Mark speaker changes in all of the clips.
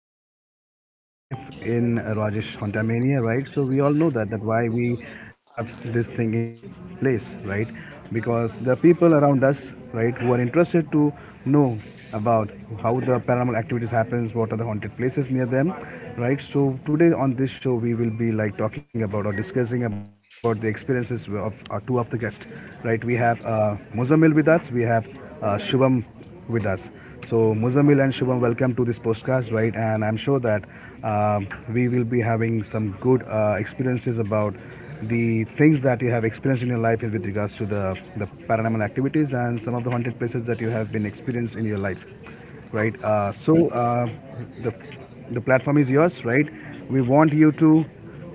Speaker 1: so I'm your host today in Rajesh Hontamania, right? So we all know that why we have this thing in place, right? Because there are people around us, right, who are interested to know about how the paranormal activities happens, what are the haunted places near them, right? So today on this show we will be like talking about or discussing about the experiences of our two of the guests, right? We have Muzammil with us, we have Shubham with us. So Muzamil and Shubham, welcome to this podcast, right? And I'm sure that uh, we will be having some good experiences about the things that you have experienced in your life with regards to the paranormal activities and some of the haunted places that you have been experienced in your life, right? The the platform is yours, right? We want you to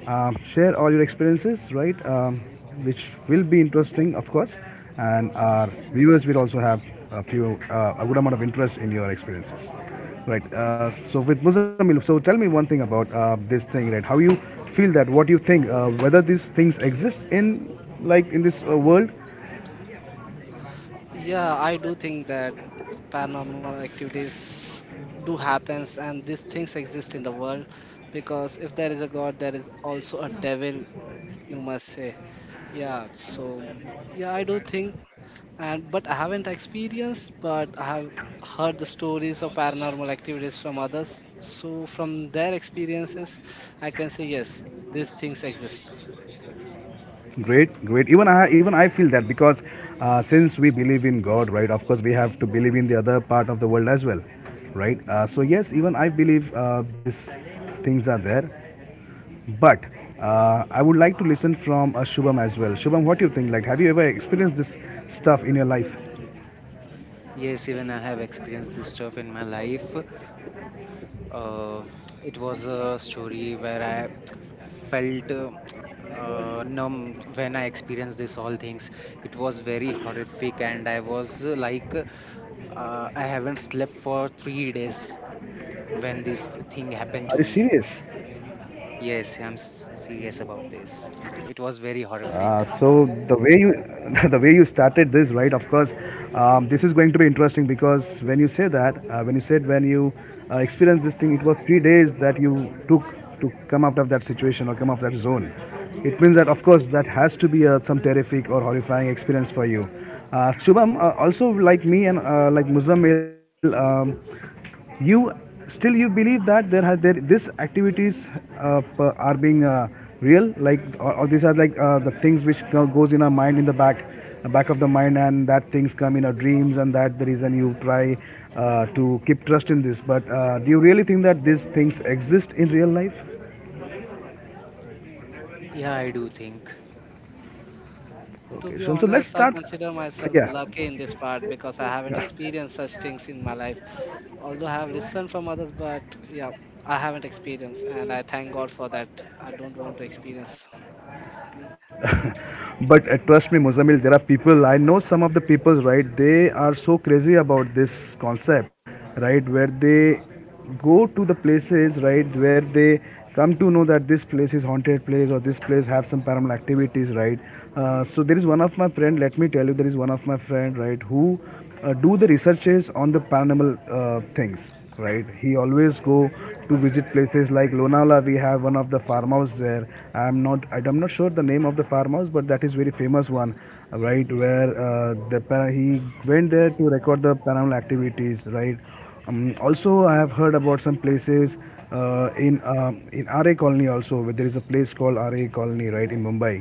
Speaker 1: share all your experiences, right? Which will be interesting, of course, and our viewers will also have a good amount of interest in your experiences, right? So with Muzamil, so tell me one thing about this thing, right? How you feel that? What you think? Whether these things exist in, like, in this world?
Speaker 2: Yeah, I do think that paranormal activities do happens and these things exist in the world because if there is a God, there is also a devil, you must say. Yeah, so yeah, I do think and but I haven't experienced but I have heard the stories of paranormal activities from others. So from their experiences I can say yes, these things exist.
Speaker 1: Great, great. Even I feel that because since we believe in God, right? Of course, we have to believe in the other part of the world as well, right? So yes, even I believe these things are there. But I would like to listen from Shubham as well. Shubham, what do you think? Like, have you ever experienced this stuff in your life?
Speaker 3: Yes, even I have experienced this stuff in my life. Uh, it was a story where I felt numb when I experienced this all things. It was very horrific, and I was I haven't slept for 3 days when this thing happened to me.
Speaker 1: Are you serious?
Speaker 3: Yes, I'm serious about this. It was very horrific.
Speaker 1: So the way you The way you started this, right? Of course, this is going to be interesting because when you say that when you experienced this thing, it was 3 days that you took to come out of that situation or come out of that zone. It means that, of course, that has to be some terrific or horrifying experience for you. Shubham, also like me and like Muzammil, you still you believe that there this activities uh, are being real, like, or these are like the things which goes in our mind in the back of the mind and that things come in our dreams and that the reason you try to keep trust in this. But do you really think that these things exist in real life?
Speaker 3: Yeah, I do think.
Speaker 2: To
Speaker 1: Okay,
Speaker 2: be
Speaker 1: so let's
Speaker 2: honest, I
Speaker 1: start.
Speaker 2: consider myself
Speaker 1: Yeah.
Speaker 2: lucky in this part because I haven't experienced such things in my life although I have listened from others, but yeah, I haven't experienced, and I thank God for that. I don't want to experience.
Speaker 1: But trust me, Muzamil, there are people, I know some of the people, right, they are so crazy about this concept, right, where they go to the places, right, where they come to know that this place is haunted place or this place have some paranormal activities, right. So there is one of my friend, let me tell you, There is one of my friend, right, who do the researches on the paranormal things, right? He always go to visit places like Lonavala. We have one of the farmhouse there. I'm not sure the name of the farmhouse, but that is very famous one, right? Where he went there to record the paranormal activities, right? Also, I have heard about some places in Ra Colony also, where there is a place called Ra Colony, right, in Mumbai.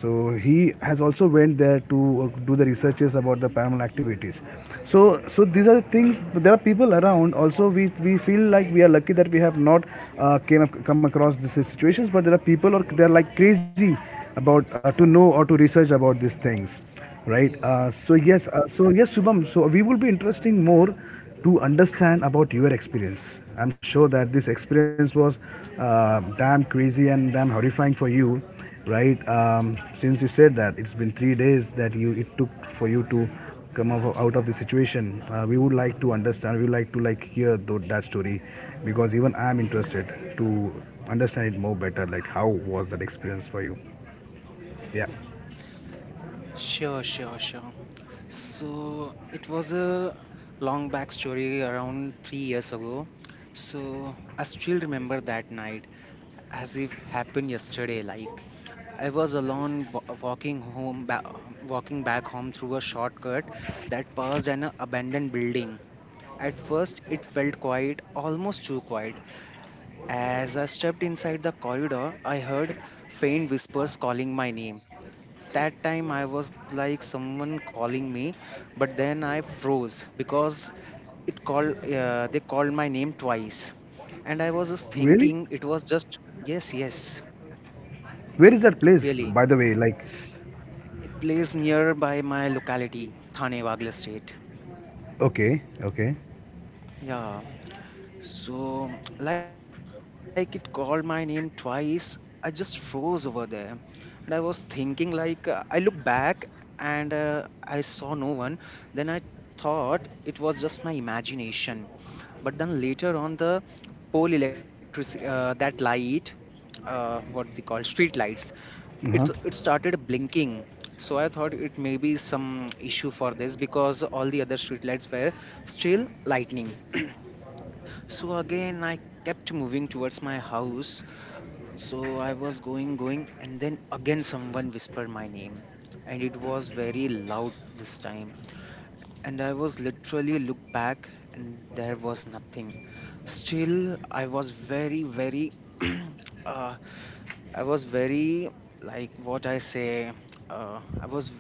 Speaker 1: So he has also went there to do the researches about the paranormal activities. So these are things. There are people around. Also, we feel like we are lucky that we have not come across these situations. But there are people, or they are like crazy about, to know or to research about these things, right?
Speaker 2: Yeah,
Speaker 1: So yes, Shubham. So we will be interesting more to understand about your experience. I'm sure that this experience was damn crazy and damn horrifying for you. Right. Since you said that it's been 3 days that you it took for you to come up out of the situation. We would like to understand. We would like to, like, hear that story because even I'm interested to understand it more better. Like, how was that experience for you? Yeah.
Speaker 3: Sure, sure, sure. So it was a long back story around 3 years ago. So I still remember that night as if happened yesterday. Like I was alone walking home, walking back home through a shortcut that passed an abandoned building. At first, it felt quiet, almost too quiet. As I stepped inside the corridor, I heard faint whispers calling my name. That time I was like someone calling me, but then I froze because it called, they called my name twice, and I was just
Speaker 1: Really?
Speaker 3: thinking it was just. Yes, yes.
Speaker 1: Where is that place,
Speaker 3: Really,
Speaker 1: by the way? Like,
Speaker 3: it plays nearby my locality, Thane Wagla state.
Speaker 1: okay, okay.
Speaker 3: Yeah. So, like it called my name twice, I just froze over there. And I was thinking, like, I looked back and I saw no one. Then I thought it was just my imagination. But then later on, the pole electric, that light, what they call street lights, it
Speaker 1: Uh
Speaker 3: it
Speaker 1: huh.
Speaker 3: started blinking. So I thought it may be some issue for this because all the other street lights were still lightning. So again, I kept moving towards my house. So I was going, going, and then again someone whispered my name. And it was very loud this time. And I was literally looked back, and there was nothing. Still, I was very, very, uh, I was very, like what I say, uh, I was,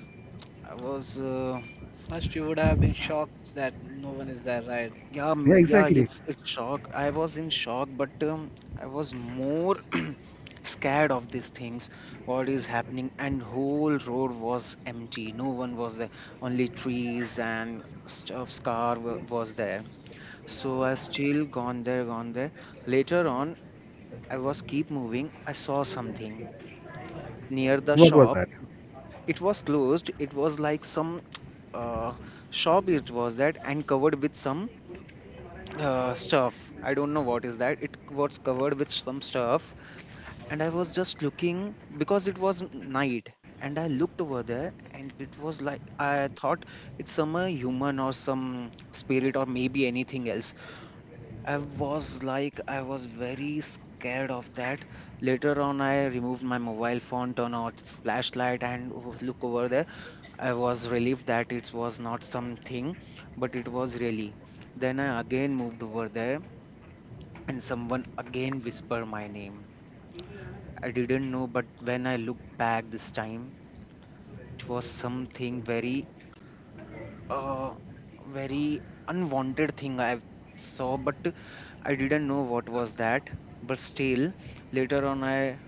Speaker 3: I was
Speaker 2: first you would have been shocked that no one is there, right?
Speaker 3: Yeah,
Speaker 1: Yeah,
Speaker 3: yeah,
Speaker 1: exactly.
Speaker 3: it's shock. I was in shock, but I was more scared of these things. What is happening? And whole road was empty. No one was there. Only trees and stuff's car was there. So I still gone there, gone there. Later on, I was keep moving. I saw something near the
Speaker 1: What was
Speaker 3: shop.
Speaker 1: that?
Speaker 3: It was closed. It was like some uh, shop. It was that and covered with some stuff. I don't know what is that. It was covered with some stuff, and I was just looking because it was night, and I looked over there, and it was like I thought it's some human or some spirit or maybe anything else. I was like I was very scared of that. Later on, I removed my mobile phone, turned on its flashlight, and look over there. I was relieved that it was not something, but it was really. Then I again moved over there and someone again whispered my name. I didn't know, but when I looked back this time, it was something very, uh, very unwanted thing I saw, but I didn't know what was that. But still, later on, I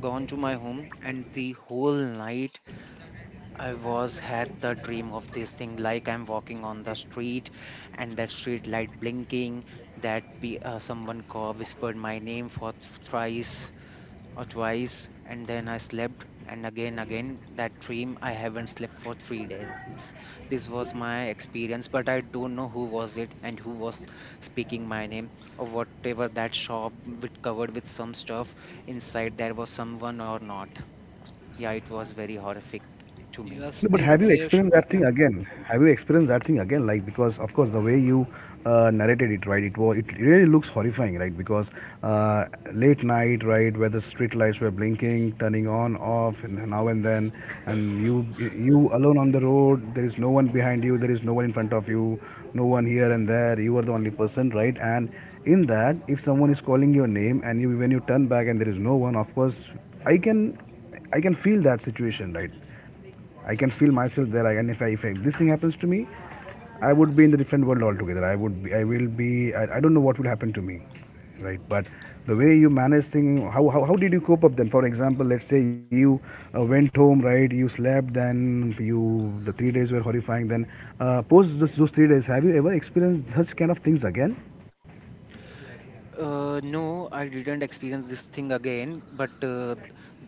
Speaker 3: gone to my home, and the whole night I was had the dream of this thing, like I'm walking on the street, and that street light blinking, someone called, whispered my name for thrice or twice, and then I slept, and again again that dream. I haven't slept for 3 days. This was my experience, but I don't know who was it and who was speaking my name, or whatever that shop with covered with some stuff, inside there was someone or not. Yeah, it was very horrific to
Speaker 2: You
Speaker 3: me.
Speaker 2: are
Speaker 1: No, but
Speaker 2: still
Speaker 1: have you
Speaker 2: brave,
Speaker 1: experienced
Speaker 2: Shubham.
Speaker 1: that
Speaker 2: Yeah,
Speaker 1: thing again? Like, because of course the way you narrated it, right? It was it really looks horrifying, right? Because uh, late night, right, where the street lights were blinking, turning on, off, and now and then, and you alone on the road. There is no one behind you. There is no one in front of you. No one here and there. You are the only person, right? And in that, if someone is calling your name and you, when you turn back and there is no one, of course, I can I can feel that situation, right? I can feel myself there. I can, if, I, if, I, if this thing happens to me, I would be in the different world altogether. I would be, I will be, I don't know what will happen to me,
Speaker 2: Y-
Speaker 1: right? But the way you manage things, how did you cope up then? For example, let's say you went home, right? You slept, then the 3 days were horrifying. Then post those 3 days, have you ever experienced such kind of things again?
Speaker 3: No, I didn't experience this thing again, but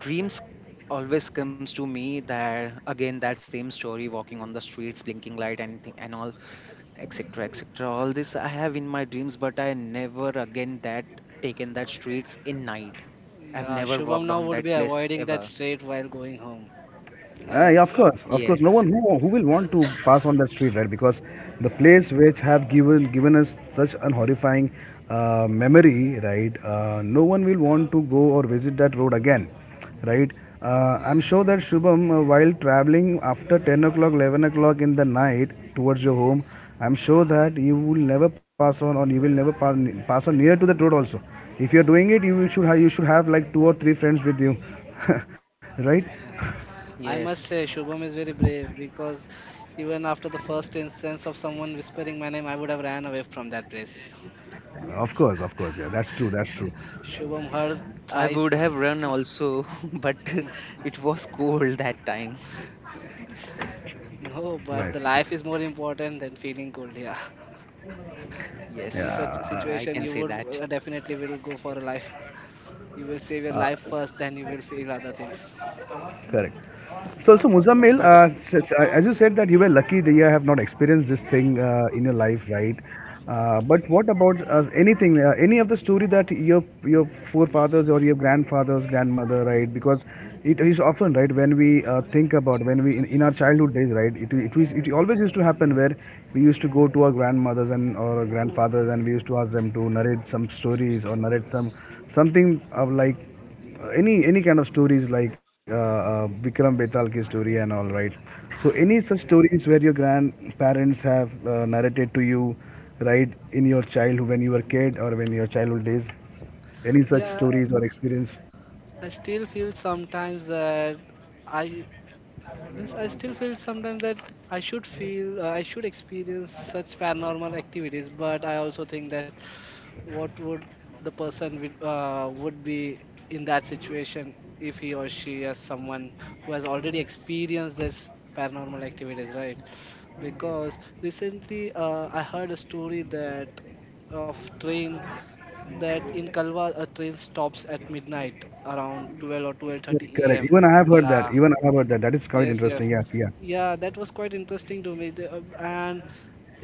Speaker 3: dreams always comes to me, that again that same story, walking on the streets, blinking light, and and all, etc., etc. All this I have in my dreams, but I never again that taken that streets in night. I've
Speaker 2: yeah.
Speaker 3: never
Speaker 2: Shubham
Speaker 3: walked
Speaker 2: now
Speaker 3: on
Speaker 2: would
Speaker 3: that
Speaker 2: be
Speaker 3: place
Speaker 2: avoiding that
Speaker 3: ever.
Speaker 2: straight while going home. Yeah,
Speaker 1: Yeah, of course, of course.
Speaker 3: Yes,
Speaker 1: No one who will want to pass on that street, right? Because the
Speaker 2: yeah,
Speaker 1: place which have given us such an horrifying memory, right? No one will want to go or visit that road again, right? I'm
Speaker 2: yes,
Speaker 1: sure that Shubham, while traveling after 10 o'clock, 11 o'clock in the night towards your home, I'm sure that you will never pass on, or you will never pass on near to that road also. If you're doing it, you should have like two or three friends with you, right?
Speaker 2: yeah. I must say,
Speaker 3: yes.
Speaker 2: Shubham is very brave because even after the first instance of someone whispering my name, I would have ran away from that place.
Speaker 1: Of course, of course. Yeah, that's true. That's true.
Speaker 2: Shubham heard
Speaker 3: I
Speaker 2: thrice.
Speaker 3: would have run also but it was cold that time.
Speaker 2: No, but the
Speaker 1: Nice.
Speaker 2: life is more important than feeling cold here. In such
Speaker 3: Yes,
Speaker 2: a
Speaker 3: i
Speaker 1: Yeah.
Speaker 3: I
Speaker 2: situation, you
Speaker 3: can
Speaker 2: would
Speaker 3: say that.
Speaker 2: definitely will go for a life. You will save your life first, then you will feel other things.
Speaker 1: Correct. So Muzammil,
Speaker 3: But
Speaker 1: as you said that you were lucky that you have not experienced this thing in your life, right? But what about any of the story that your forefathers or your grandfathers, grandmother, right? Because it is often, right, when we think about when we in our childhood days, right? It always used to happen where we used to go to our grandmothers and or our grandfathers and we used to ask them to narrate some stories or narrate some something of like any kind of stories like Vikram Betal ki story and all, right? So any such stories where your grandparents have narrated to you, right, in your childhood when you were kid or when your childhood days, any such
Speaker 2: Yeah,
Speaker 1: stories or experience?
Speaker 2: I still feel sometimes that I I still feel sometimes that I should experience such paranormal activities, but I also think that what would the person would be in that situation if he or she is someone who has already experienced this paranormal activities, right? Because recently I heard a story that of train that in Kalwa, a train stops at midnight around 12 or 12:30
Speaker 1: Correct.
Speaker 2: am
Speaker 1: Even I have heard that.
Speaker 2: Yeah,
Speaker 1: That is quite
Speaker 2: yes, yes,
Speaker 1: interesting. Yeah, yeah.
Speaker 2: yeah, that was quite interesting to me. And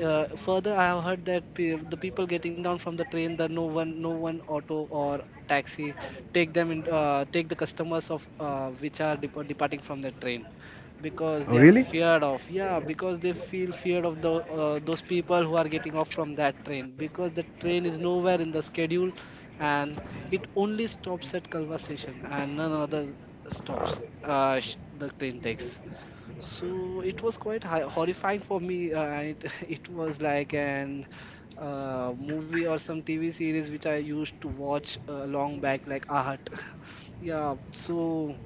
Speaker 2: further I have heard that the people getting down from the train that no one auto or taxi take the customers of which are departing from the train
Speaker 1: Oh,
Speaker 2: because they are
Speaker 1: really?
Speaker 2: feared of, yeah, because they feel feared of the those people who are getting off from that train because the train is nowhere in the schedule, and it only stops at Kalva station and none other stops the train takes. So it was quite hi horrifying for me. It was like an movie or some TV series which I used to watch long back, like Ahat. Yeah, so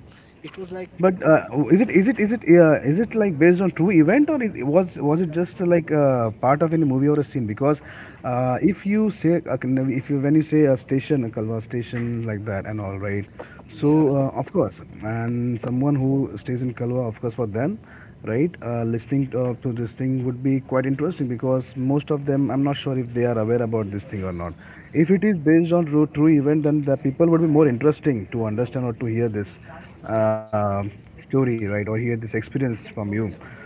Speaker 2: it was like,
Speaker 1: But is
Speaker 2: um,
Speaker 1: it is it is it is it like based on true event, or it was it just like part of any movie or a scene? Because if you say, if you, when you say a station, a Kalwa station like that and all, right?
Speaker 2: yeah,
Speaker 1: So of course, and someone who stays in Kalwa, of course, for them, right? Listening to this thing would be quite interesting because most of them, I'm not sure if they are aware about this thing or not. If it is based on true event, then the people would be more interesting to understand or to hear this uh, story, right? Or hear this experience from you.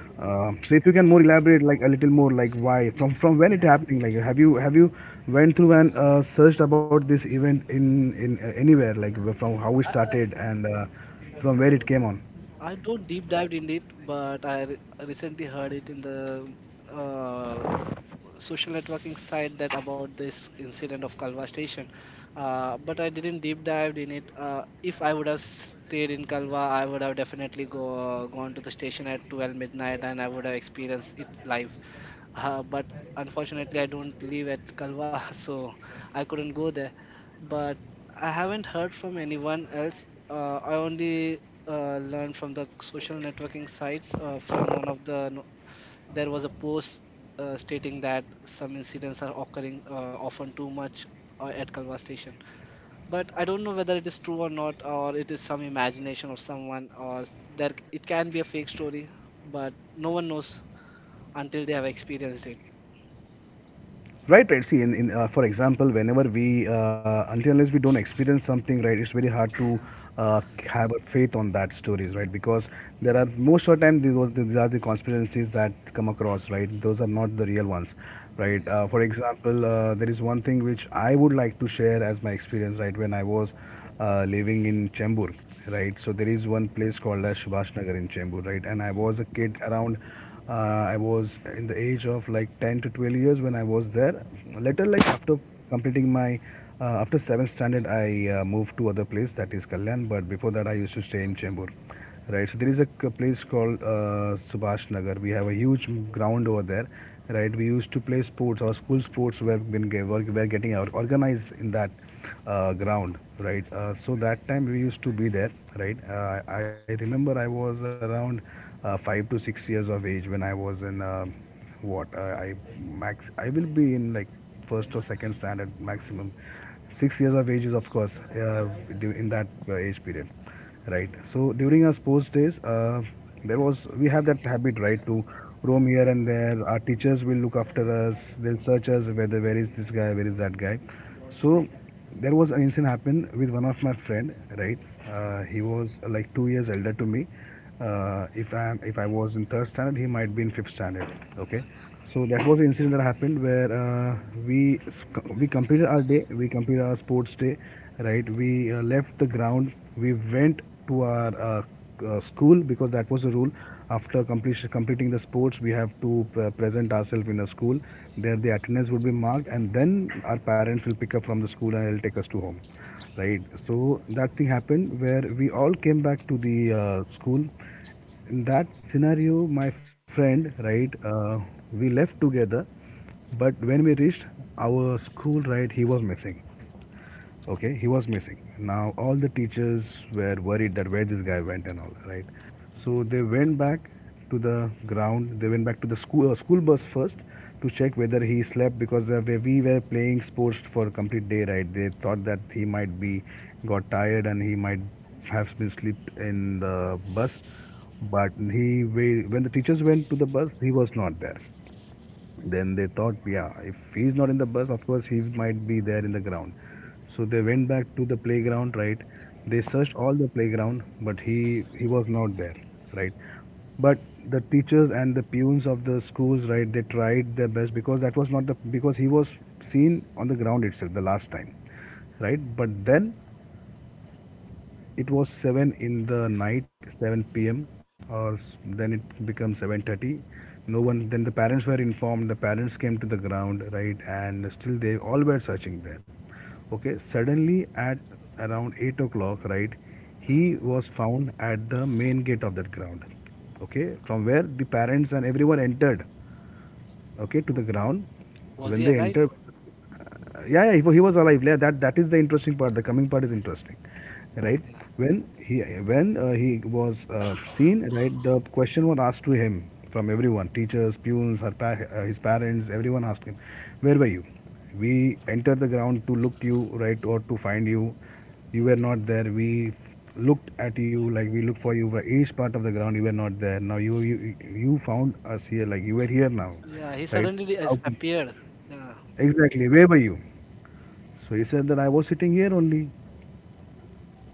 Speaker 1: So if you can more elaborate like a little more, like why
Speaker 2: y-
Speaker 1: from when it happening, like have you went through and searched about this event in anywhere, like from how it started and from where it came on.
Speaker 2: I don't deep dived in it, but recently heard it in the uh, social networking site that about this incident of Kalwa station. But I didn't deep dived in it. If I would have stayed in Kalwa, I would have definitely gone to the station at 12 midnight and I would have experienced it live. But unfortunately, I don't live at Kalwa, so I couldn't go there. But I haven't heard from anyone else. I only learned from the social networking sites. From one of the no- There was a post stating that some incidents are occurring often too much at Kalwa station. But I don't know whether it is true or not, or it is some imagination of someone, or it can be a fake story. But no one knows until they have experienced it.
Speaker 1: Right, right. See, in for example, whenever we, until unless we don't experience something, right, it's very hard
Speaker 2: Yeah.
Speaker 1: to uh, have a faith on that stories, right? Because there are most of the time these are the conspiracies that come across, right? Those are not the real ones, right?
Speaker 2: Yes.
Speaker 1: For example, there is one thing which I would like to share as my experience, right? When I was living in Chembur, right? So there is one place called as Subhash Nagar in Chembur, right? And I was a kid I was in the age of like 10 to 12 years when I was there. Later, like after completing my, after 7th standard, I moved to other place that is Kalyan. But before that, I used to stay in Chembur, right. So there is a place called Subhash Nagar. We have a huge ground over there, right. We used to play sports. Our school sports were, been, ge- were getting organized in that ground, right. So that time we used to be there, right. I remember I was around 5 to 6 years of age when I was in, what, I max I will be in like first or second standard maximum. 6 years of age is of course in that age period, right. So during our sports days, there was we have that habit, right, to roam here and there. Our teachers will look after us, they'll search us whether where is this guy, where is that guy. So there was an incident happened with one of my friend, right. He was like 2 years elder to me. If I was in third standard, he might be in fifth standard. Okay, so that was an incident that happened where, we we completed our day, we completed our sports day, right? We left the ground, we went to our school because that was a rule. After completion completing the sports, we have to present ourselves in a school. There, the attendance would be marked, and then our parents will pick up from the school and they'll take us to home, right? So that thing happened where we all came back to the school. In that scenario, my friend, right, we left together, but when we reached our school, right, he was missing. Okay, he was missing. Now all the teachers were worried that where this guy went and all, right? So they went back to the ground. They went back to the school bus first to check whether he slept, because we were playing sports for a complete day, right? They thought that he might be got tired and he might have been slept in the bus. But, he when the teachers went to the bus, he was not there. Then they thought, yeah, if he's not in the bus, of course he might be there in the ground. So they went back to the playground, right? They searched all the playground, but he was not there, right. But the teachers and the peons of the schools, right? They tried their best, because that was not the because he was seen on the ground itself the last time, right. But then it was 7 in the night, 7 p.m., or then it becomes 7:30. No one. Then the parents were informed, the parents came to the ground, right, and still they all were searching there. Okay, suddenly at around 8 o'clock, right, he was found at the main gate of that ground, okay, from where the parents and everyone entered, okay, to
Speaker 2: W-
Speaker 1: the ground.
Speaker 2: Was
Speaker 1: When
Speaker 2: he
Speaker 1: they
Speaker 2: alive?
Speaker 1: enter, yeah, yeah, he was alive, yeah. That is the interesting part, the coming part is interesting, right.
Speaker 2: Okay.
Speaker 1: When he when he was seen, right, the question was asked to him from everyone, teachers, pupils, his parents, everyone asked him, where were you? We entered the ground to look you, right, or to find you, you were not there. We looked at you, like, we looked for you for each part of the ground, you were not there. Now you found us here, like you were here now,
Speaker 2: Yeah. He
Speaker 1: right?
Speaker 2: suddenly
Speaker 1: How,
Speaker 2: disappeared. Yeah.
Speaker 1: exactly, where were you? So he said that I was sitting here only.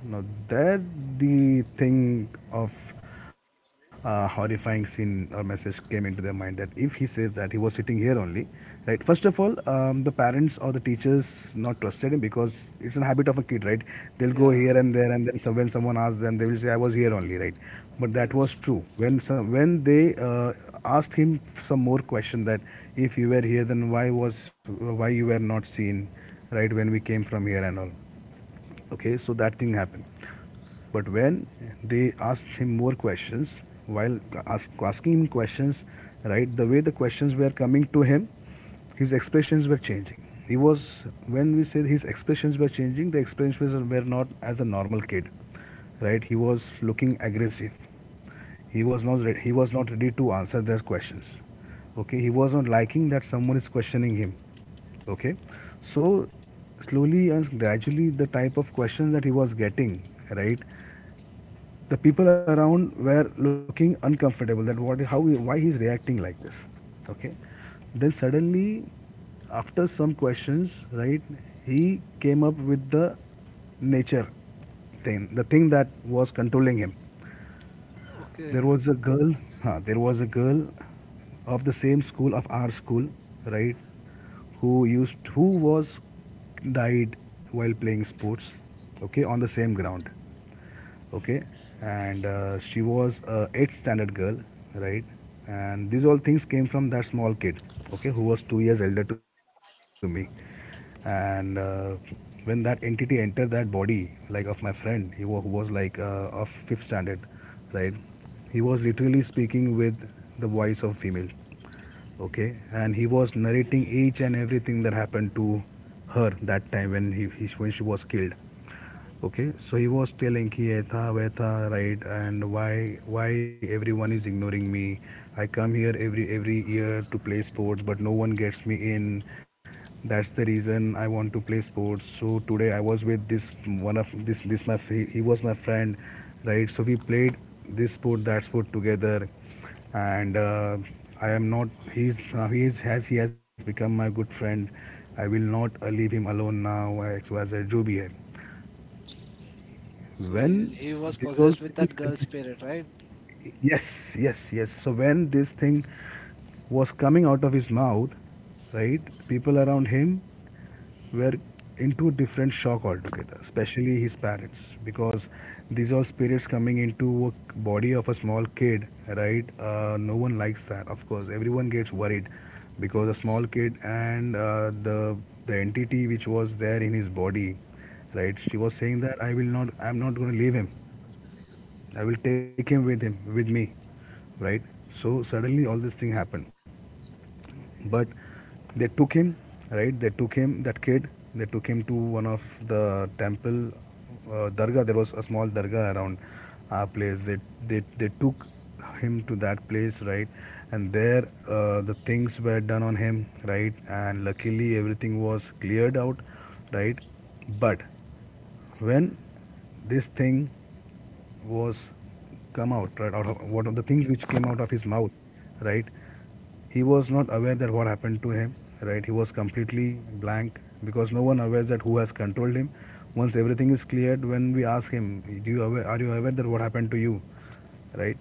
Speaker 1: Now, that the thing of horrifying scene or message came into their mind, that if he says that he was sitting here only, right? First of all, the parents or the teachers not trusted him, because it's a habit of a kid, right? They'll go
Speaker 2: Yeah.
Speaker 1: here and there, and then so when someone asks them, they will say, "I was here only," right? But that was
Speaker 2: Yes.
Speaker 1: true. When some when they asked him some more question, that if you were here, then why you were not seen, right? When we came from here and all. Okay, so that thing happened. But when they asked him more questions, while asking him questions, right, the way the questions were coming to him, his expressions were changing. He was When we said his expressions were changing, the expressions were not as a normal kid, right. He was looking
Speaker 2: Yeah.
Speaker 1: aggressive. He was not ready to answer their questions. Okay, he was not liking that someone is questioning him. Okay. So slowly and gradually, the type of questions that he was getting, right, the people around were looking uncomfortable that what how, why he's reacting like this. Okay, then suddenly after some questions, right, he came up with the nature thing, the thing that was controlling him.
Speaker 2: Okay.
Speaker 1: There was a girl, huh, there was a girl of the same school, of our school, right, who used who was died while playing sports, okay, on the same ground. Okay. And she was a 8th standard girl, right. And these all things came from that small kid, okay, who was 2 years elder to me. And when that entity entered that body, like of my friend, he was who was like of 5th standard, right. He was literally speaking with the voice of female. Okay. And he was narrating each and everything that happened to her that time, when he when she was killed. Okay. So he was telling, he etha vetha, right, and why everyone is ignoring me. I come here every year to play sports, but no one gets me in. That's the reason I want to play sports. So today I was with this, one of this this my fr- he was my friend, right. So we played this sport, that sport, together. And I am not. He's now he is has He has become my good friend. I will not leave him alone now. XYZ जो भी है,
Speaker 2: So he,
Speaker 1: when
Speaker 2: he was
Speaker 1: these all
Speaker 2: possessed with that
Speaker 1: things
Speaker 2: girl
Speaker 1: exist.
Speaker 2: spirit, right?
Speaker 1: Yes, yes, yes. So when this thing was coming out of his mouth, right, people around him were into a different shock altogether, especially his parents, because these are spirits coming into a body of a small kid, right? No one likes that, of course. Everyone gets worried because a
Speaker 2: Yes.
Speaker 1: small kid and the entity which was there in his body, right. She was saying that I am not going to leave him. I will take him with me, right? So suddenly all this thing happened. But they took him, right? They took him, that kid, they took him to one of the temple, dargah. There was a small dargah around our place. They took him to that place, right. And there the things were done on him, right. And luckily everything was cleared out, right. But when this thing was come out, right, out of one of the things which came out of his mouth, right, he was not aware that what happened to him, right, he was completely blank because no one aware that who has controlled him. Once everything is cleared, when we ask him, are you aware that what happened to you, right?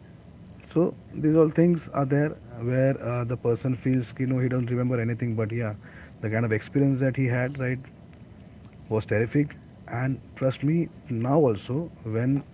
Speaker 1: So these all things are there where the person feels, he does not remember anything. But yeah, the kind of experience that he had, right? Was terrific. And trust me, now also when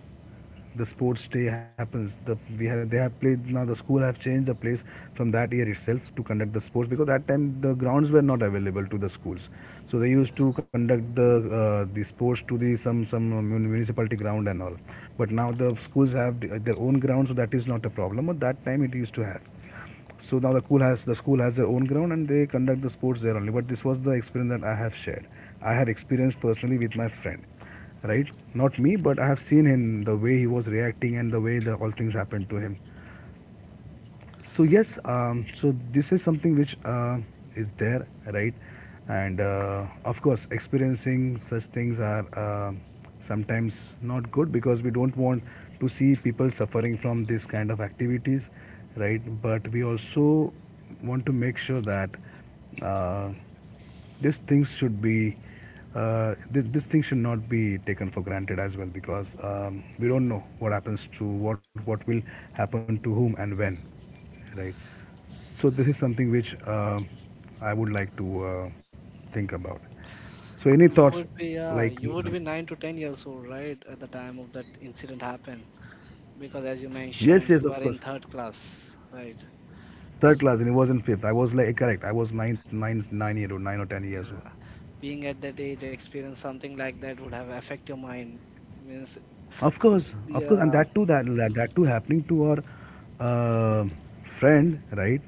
Speaker 1: the sports day happens, they have played now. The school have changed the place from that year itself to conduct the sports because that time the grounds were not available to the schools. So they used to
Speaker 2: Yeah.
Speaker 1: conduct the sports to the some municipality ground and all. But now the schools have their own ground, so that is not a problem. But that time it used to have. So now the school has their own ground and they conduct the sports there only. But this was the experience that I have shared. I have experienced personally with my friend, right? Not me, but I have seen him the way he was reacting and the way the all things happened to him. So yes, so this is something which is there, right? And Of course, experiencing such things are sometimes not good because we don't want to see people suffering from this kind of activities, right? But we also want to make sure that uh, these things should these things should not be taken for granted as well because we don't know what happens to what will happen to whom and when, right? So this is something which I would like to think about. So any
Speaker 2: You would
Speaker 1: thoughts
Speaker 2: be yeah,
Speaker 1: like
Speaker 2: you would be
Speaker 1: Musab?
Speaker 2: 9 to 10 years old, right, at the time of that incident happened. Because as you
Speaker 1: Yes,
Speaker 2: mentioned,
Speaker 1: yes,
Speaker 2: you
Speaker 1: of
Speaker 2: are
Speaker 1: course.
Speaker 2: in third class, right?
Speaker 1: Third class, and it wasn't fifth. I was like correct. I was 9 year old, 9 or 10 years old.
Speaker 2: Yeah. Being at that age, experience something like that would have affect your mind. Means you,
Speaker 1: Of course, and
Speaker 2: yeah,
Speaker 1: that too, that too happening to our friend, right?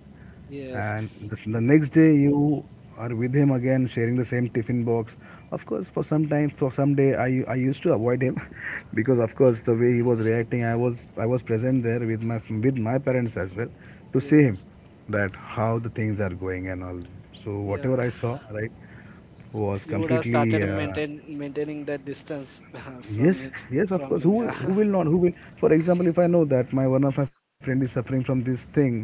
Speaker 2: yes,
Speaker 1: And the next day you are with him again, sharing the same tiffin box. Of course, for some time, for some day, I used to avoid him because, of course, the way he was reacting, I was present there with my parents as well to see him,
Speaker 2: yes,
Speaker 1: that how the things are going and all. So whatever
Speaker 2: yeah.
Speaker 1: I saw, right, was
Speaker 2: You would have
Speaker 1: completely
Speaker 2: started maintaining that distance from
Speaker 1: yes,
Speaker 2: him
Speaker 1: yes, of
Speaker 2: from
Speaker 1: course.
Speaker 2: him, yeah.
Speaker 1: Who will not? Who will? For example, if I know that my one of my friend is suffering from this thing, right,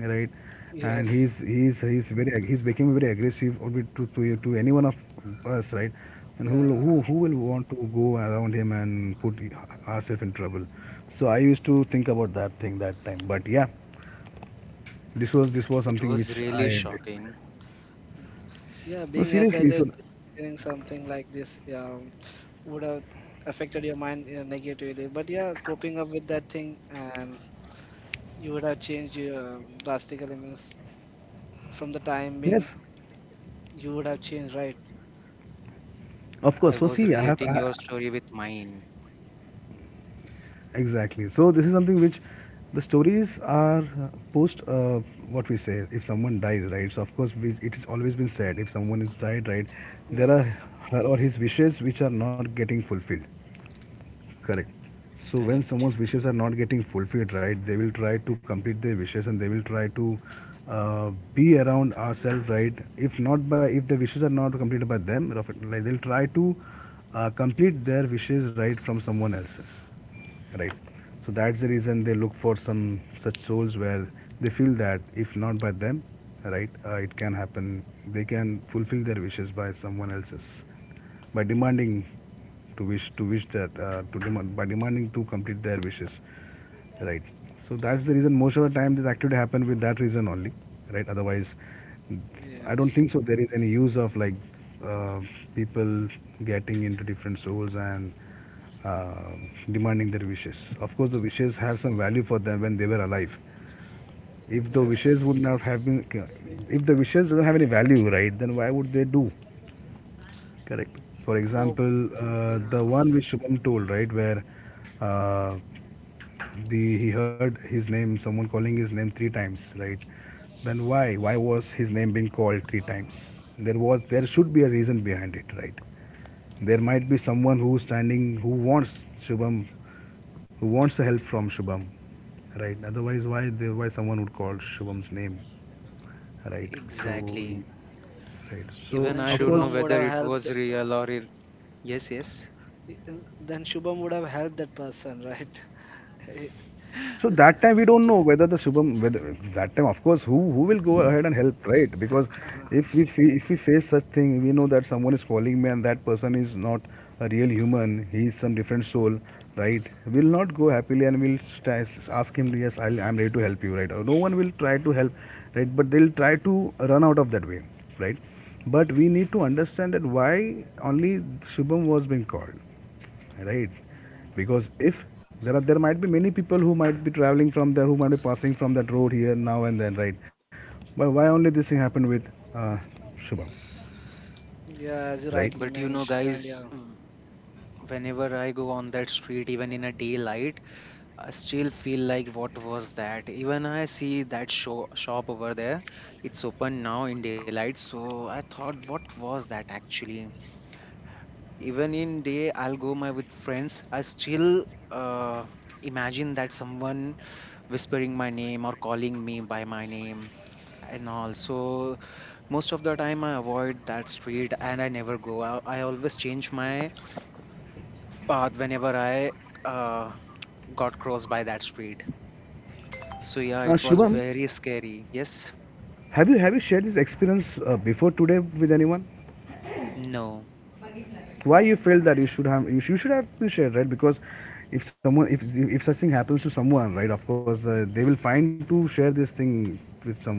Speaker 1: and
Speaker 2: Yes.
Speaker 1: he's becoming very aggressive or to any one of us, right, and
Speaker 2: Yeah.
Speaker 1: who will want to go around him and put ourselves in trouble? So I used to think about that thing that time, but yeah, this was
Speaker 3: it was
Speaker 1: something which
Speaker 3: really
Speaker 1: I,
Speaker 3: shocking.
Speaker 2: Yeah, being
Speaker 1: no,
Speaker 2: at that
Speaker 1: seriously.
Speaker 2: age,
Speaker 1: So
Speaker 2: hearing something like this would have affected your mind negatively. But yeah, coping up with that thing and you would have changed your drastically means from the time being
Speaker 1: yes,
Speaker 2: you would have changed, right?
Speaker 1: of
Speaker 3: I
Speaker 1: course. So
Speaker 3: was
Speaker 1: see,
Speaker 3: relating your story with mine.
Speaker 1: exactly. So this is something which the stories are post what we say if someone dies, right? So of course it has always been said if someone is died, right, there
Speaker 2: Yeah.
Speaker 1: are her or his wishes which are not getting fulfilled. Correct. So when
Speaker 3: Correct.
Speaker 1: someone's wishes are not getting fulfilled, right, they will try to complete their wishes and they will try to be around ourselves, right? If the wishes are not completed by them, like they'll try to complete their wishes right from someone else's, right, so that's the reason they look for some such souls where they feel that if not by them, right, it can happen they can fulfill their wishes by someone else's, by demanding to wish that to demand by demanding to complete their wishes, right, so that's the reason most of the time this actually happen with that reason only, right. Otherwise I don't
Speaker 2: Yes.
Speaker 1: think so there is any use of like uh, people getting into different souls and uh, demanding their wishes. Of course, the wishes have some value for them when they were alive. If the
Speaker 2: Yes.
Speaker 1: wishes would not have been, if the wishes don't have any value, right, then why would they do? Correct. For
Speaker 2: Hope.
Speaker 1: example,
Speaker 2: Yeah.
Speaker 1: the one which Shubham told, right, where uh, the he heard his name, someone calling his name three times, right? Then why? Why was his name being called three times? There should be a reason behind it, right? There might be someone who's standing who wants Shubham, who wants the help from Shubham, right? Otherwise, why someone would call Shubham's name, right? So,
Speaker 3: Exactly.
Speaker 1: right. So
Speaker 3: Even
Speaker 2: Then
Speaker 3: I
Speaker 1: of
Speaker 3: don't
Speaker 1: course,
Speaker 3: know
Speaker 2: Shubham would
Speaker 3: whether
Speaker 2: have
Speaker 3: it
Speaker 2: helped.
Speaker 3: was real or yes, yes.
Speaker 2: eh, Then Shubham would have helped that person, right? He-
Speaker 1: so
Speaker 2: he-
Speaker 1: that time we don't
Speaker 2: he-
Speaker 1: know whether the Shubham, whether that time of course who will go ahead and help, right? Because if we face such thing, we know that someone is calling me and that person is not a real human. He is some different soul, right? We'll not go happily and we'll try, ask him, yes, I'm ready to help you, right? Or no one will try to help, right? But they'll try to run out of that way, right? But we need to understand that why only Shubham was being called, right,
Speaker 2: Mm,
Speaker 1: because if there are there might be many people who might be traveling from there who might be passing from that road here now and then, right, but why only this thing happened with uh, Shubham,
Speaker 2: yeah, as you
Speaker 1: right?
Speaker 3: But
Speaker 2: rightly
Speaker 3: you know guys,
Speaker 2: mentioned. Yeah.
Speaker 3: whenever I go on that street, even in a daylight, I still feel like what was that? Even I see that shop over there, it's open now in daylight. So I thought, what was that actually? Even in day, I'll go my with friends. I still uh, imagine that someone whispering my name or calling me by my name and all. So most of the time I avoid that street and I never go. I always change my path whenever I uh, got crossed by that street. So yeah, it was
Speaker 1: Shubham,
Speaker 3: very scary. Yes?
Speaker 1: have you shared this experience before today with anyone?
Speaker 3: No.
Speaker 1: Why you felt that you should have been shared, right? Because if someone if such thing happens to someone, right, of course they will find to share this thing with someone, right?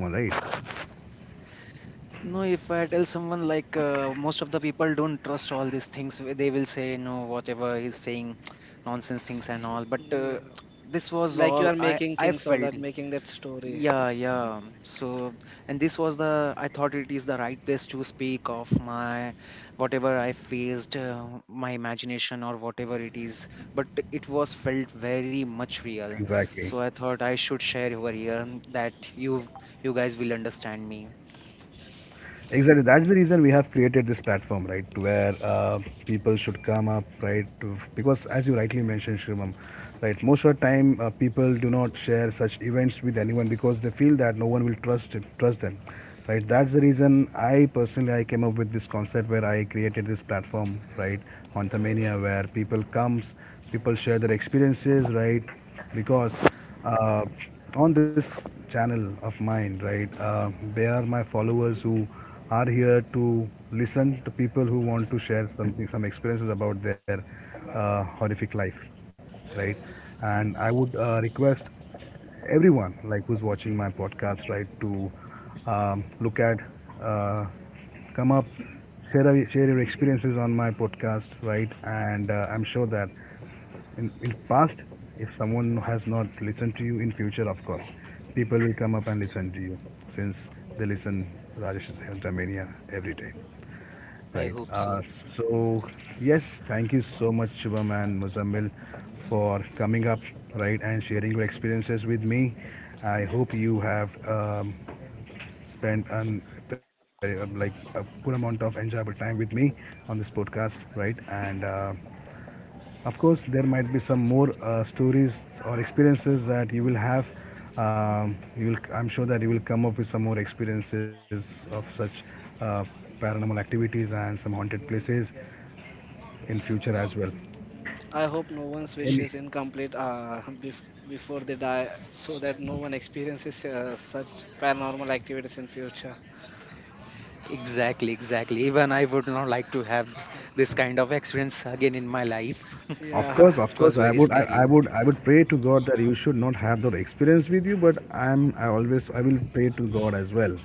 Speaker 3: No, if I tell someone like most of the people don't trust all these things, they will say no, whatever he's saying, nonsense things and all. But
Speaker 2: Yeah.
Speaker 3: this was
Speaker 2: Like you
Speaker 3: all
Speaker 2: are
Speaker 3: I
Speaker 2: making
Speaker 3: I
Speaker 2: things, all
Speaker 3: felt.
Speaker 2: that, making that story.
Speaker 3: Yeah, yeah. So, and this was the, I thought it is the right place to speak of my whatever I faced, my imagination or whatever it is, but it was felt very
Speaker 1: Exactly.
Speaker 3: much real. So I thought I should share over here and that you guys will understand me.
Speaker 1: Exactly. That's the reason we have created this platform, right, to where people should come up, right? Because as you rightly mentioned, Shrimam, right, most of the time people do not share such events with anyone because they feel that no one will trust it, trust them, right? That's the reason I personally I came up with this concept where I created this platform, right, on Thamania, where people comes, people share their experiences, right, because uh, on this channel of mine, right? They are my followers who are here to listen to people who want to share something, some experiences about their horrific life, right? And I would request everyone, like who's watching my podcast, right, to um, look at, uh, come up, share your experiences on my podcast, right? And I'm sure that in past if someone has not listened to you, in future of course people will come up and listen to you since they listen Rajesh Mania every day,
Speaker 3: I
Speaker 1: right?
Speaker 3: hope so.
Speaker 1: So yes, thank you so much, Shubham and Muzammil, for coming up, right, and sharing your experiences with me. I hope you have spent an like a good amount of enjoyable time with me on this podcast, right? And of course, there might be some more stories or experiences that you will have. You will, I'm sure that you will come up with some more experiences of such uh, paranormal activities and some haunted places in future as well.
Speaker 2: Mm, I hope no one's wish
Speaker 1: Any,
Speaker 2: is incomplete before they die so that no one experiences such paranormal activities in future.
Speaker 3: Exactly, exactly. Even I would not like to have this kind of experience again in my life.
Speaker 2: Yeah.
Speaker 1: of
Speaker 3: It was
Speaker 1: course,
Speaker 3: very scary.
Speaker 1: I would pray to God that you should not have that experience with you. I always, I will pray to God as well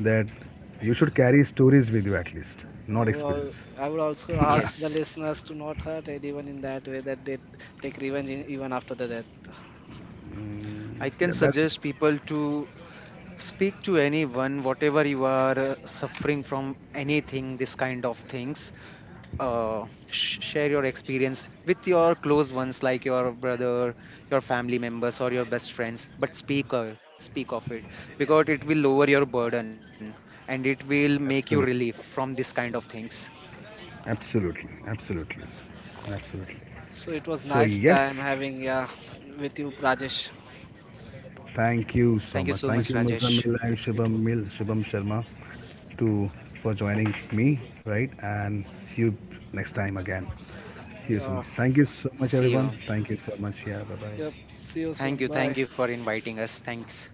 Speaker 1: that you should carry stories with you at least, not experience.
Speaker 2: I would also ask the
Speaker 3: Yes.
Speaker 2: listeners to not hurt anyone in that way that they take revenge in, even after the death.
Speaker 1: Mm,
Speaker 3: I can
Speaker 1: yeah, that's
Speaker 3: suggest people to speak to anyone, whatever you are suffering from, anything, this kind of things. Share your experience with your close ones, like your brother, your family members, or your best friends. But speak of it because it will lower your burden and it will make you
Speaker 1: absolutely.
Speaker 3: relief from this kind of things.
Speaker 1: Absolutely, absolutely, absolutely.
Speaker 2: So it was
Speaker 1: So
Speaker 2: nice time
Speaker 1: yes,
Speaker 2: having, yeah, with you, Rajesh.
Speaker 1: thank you
Speaker 3: Thank you
Speaker 1: so
Speaker 3: so
Speaker 1: much.
Speaker 3: much,
Speaker 1: Thank you,
Speaker 3: Rajesh.
Speaker 1: Muzammil
Speaker 3: It,
Speaker 1: and
Speaker 3: it,
Speaker 1: Shubham Sharma, to for joining me, right? And see you next time again. See you soon.
Speaker 2: Yeah,
Speaker 1: Thank you so much,
Speaker 3: see
Speaker 1: everyone.
Speaker 3: you.
Speaker 1: Thank you so much. Yeah, bye
Speaker 2: yep.
Speaker 1: bye.
Speaker 2: See you
Speaker 3: Thank
Speaker 2: soon.
Speaker 3: you, thank
Speaker 2: Bye.
Speaker 3: you for inviting us. Thanks.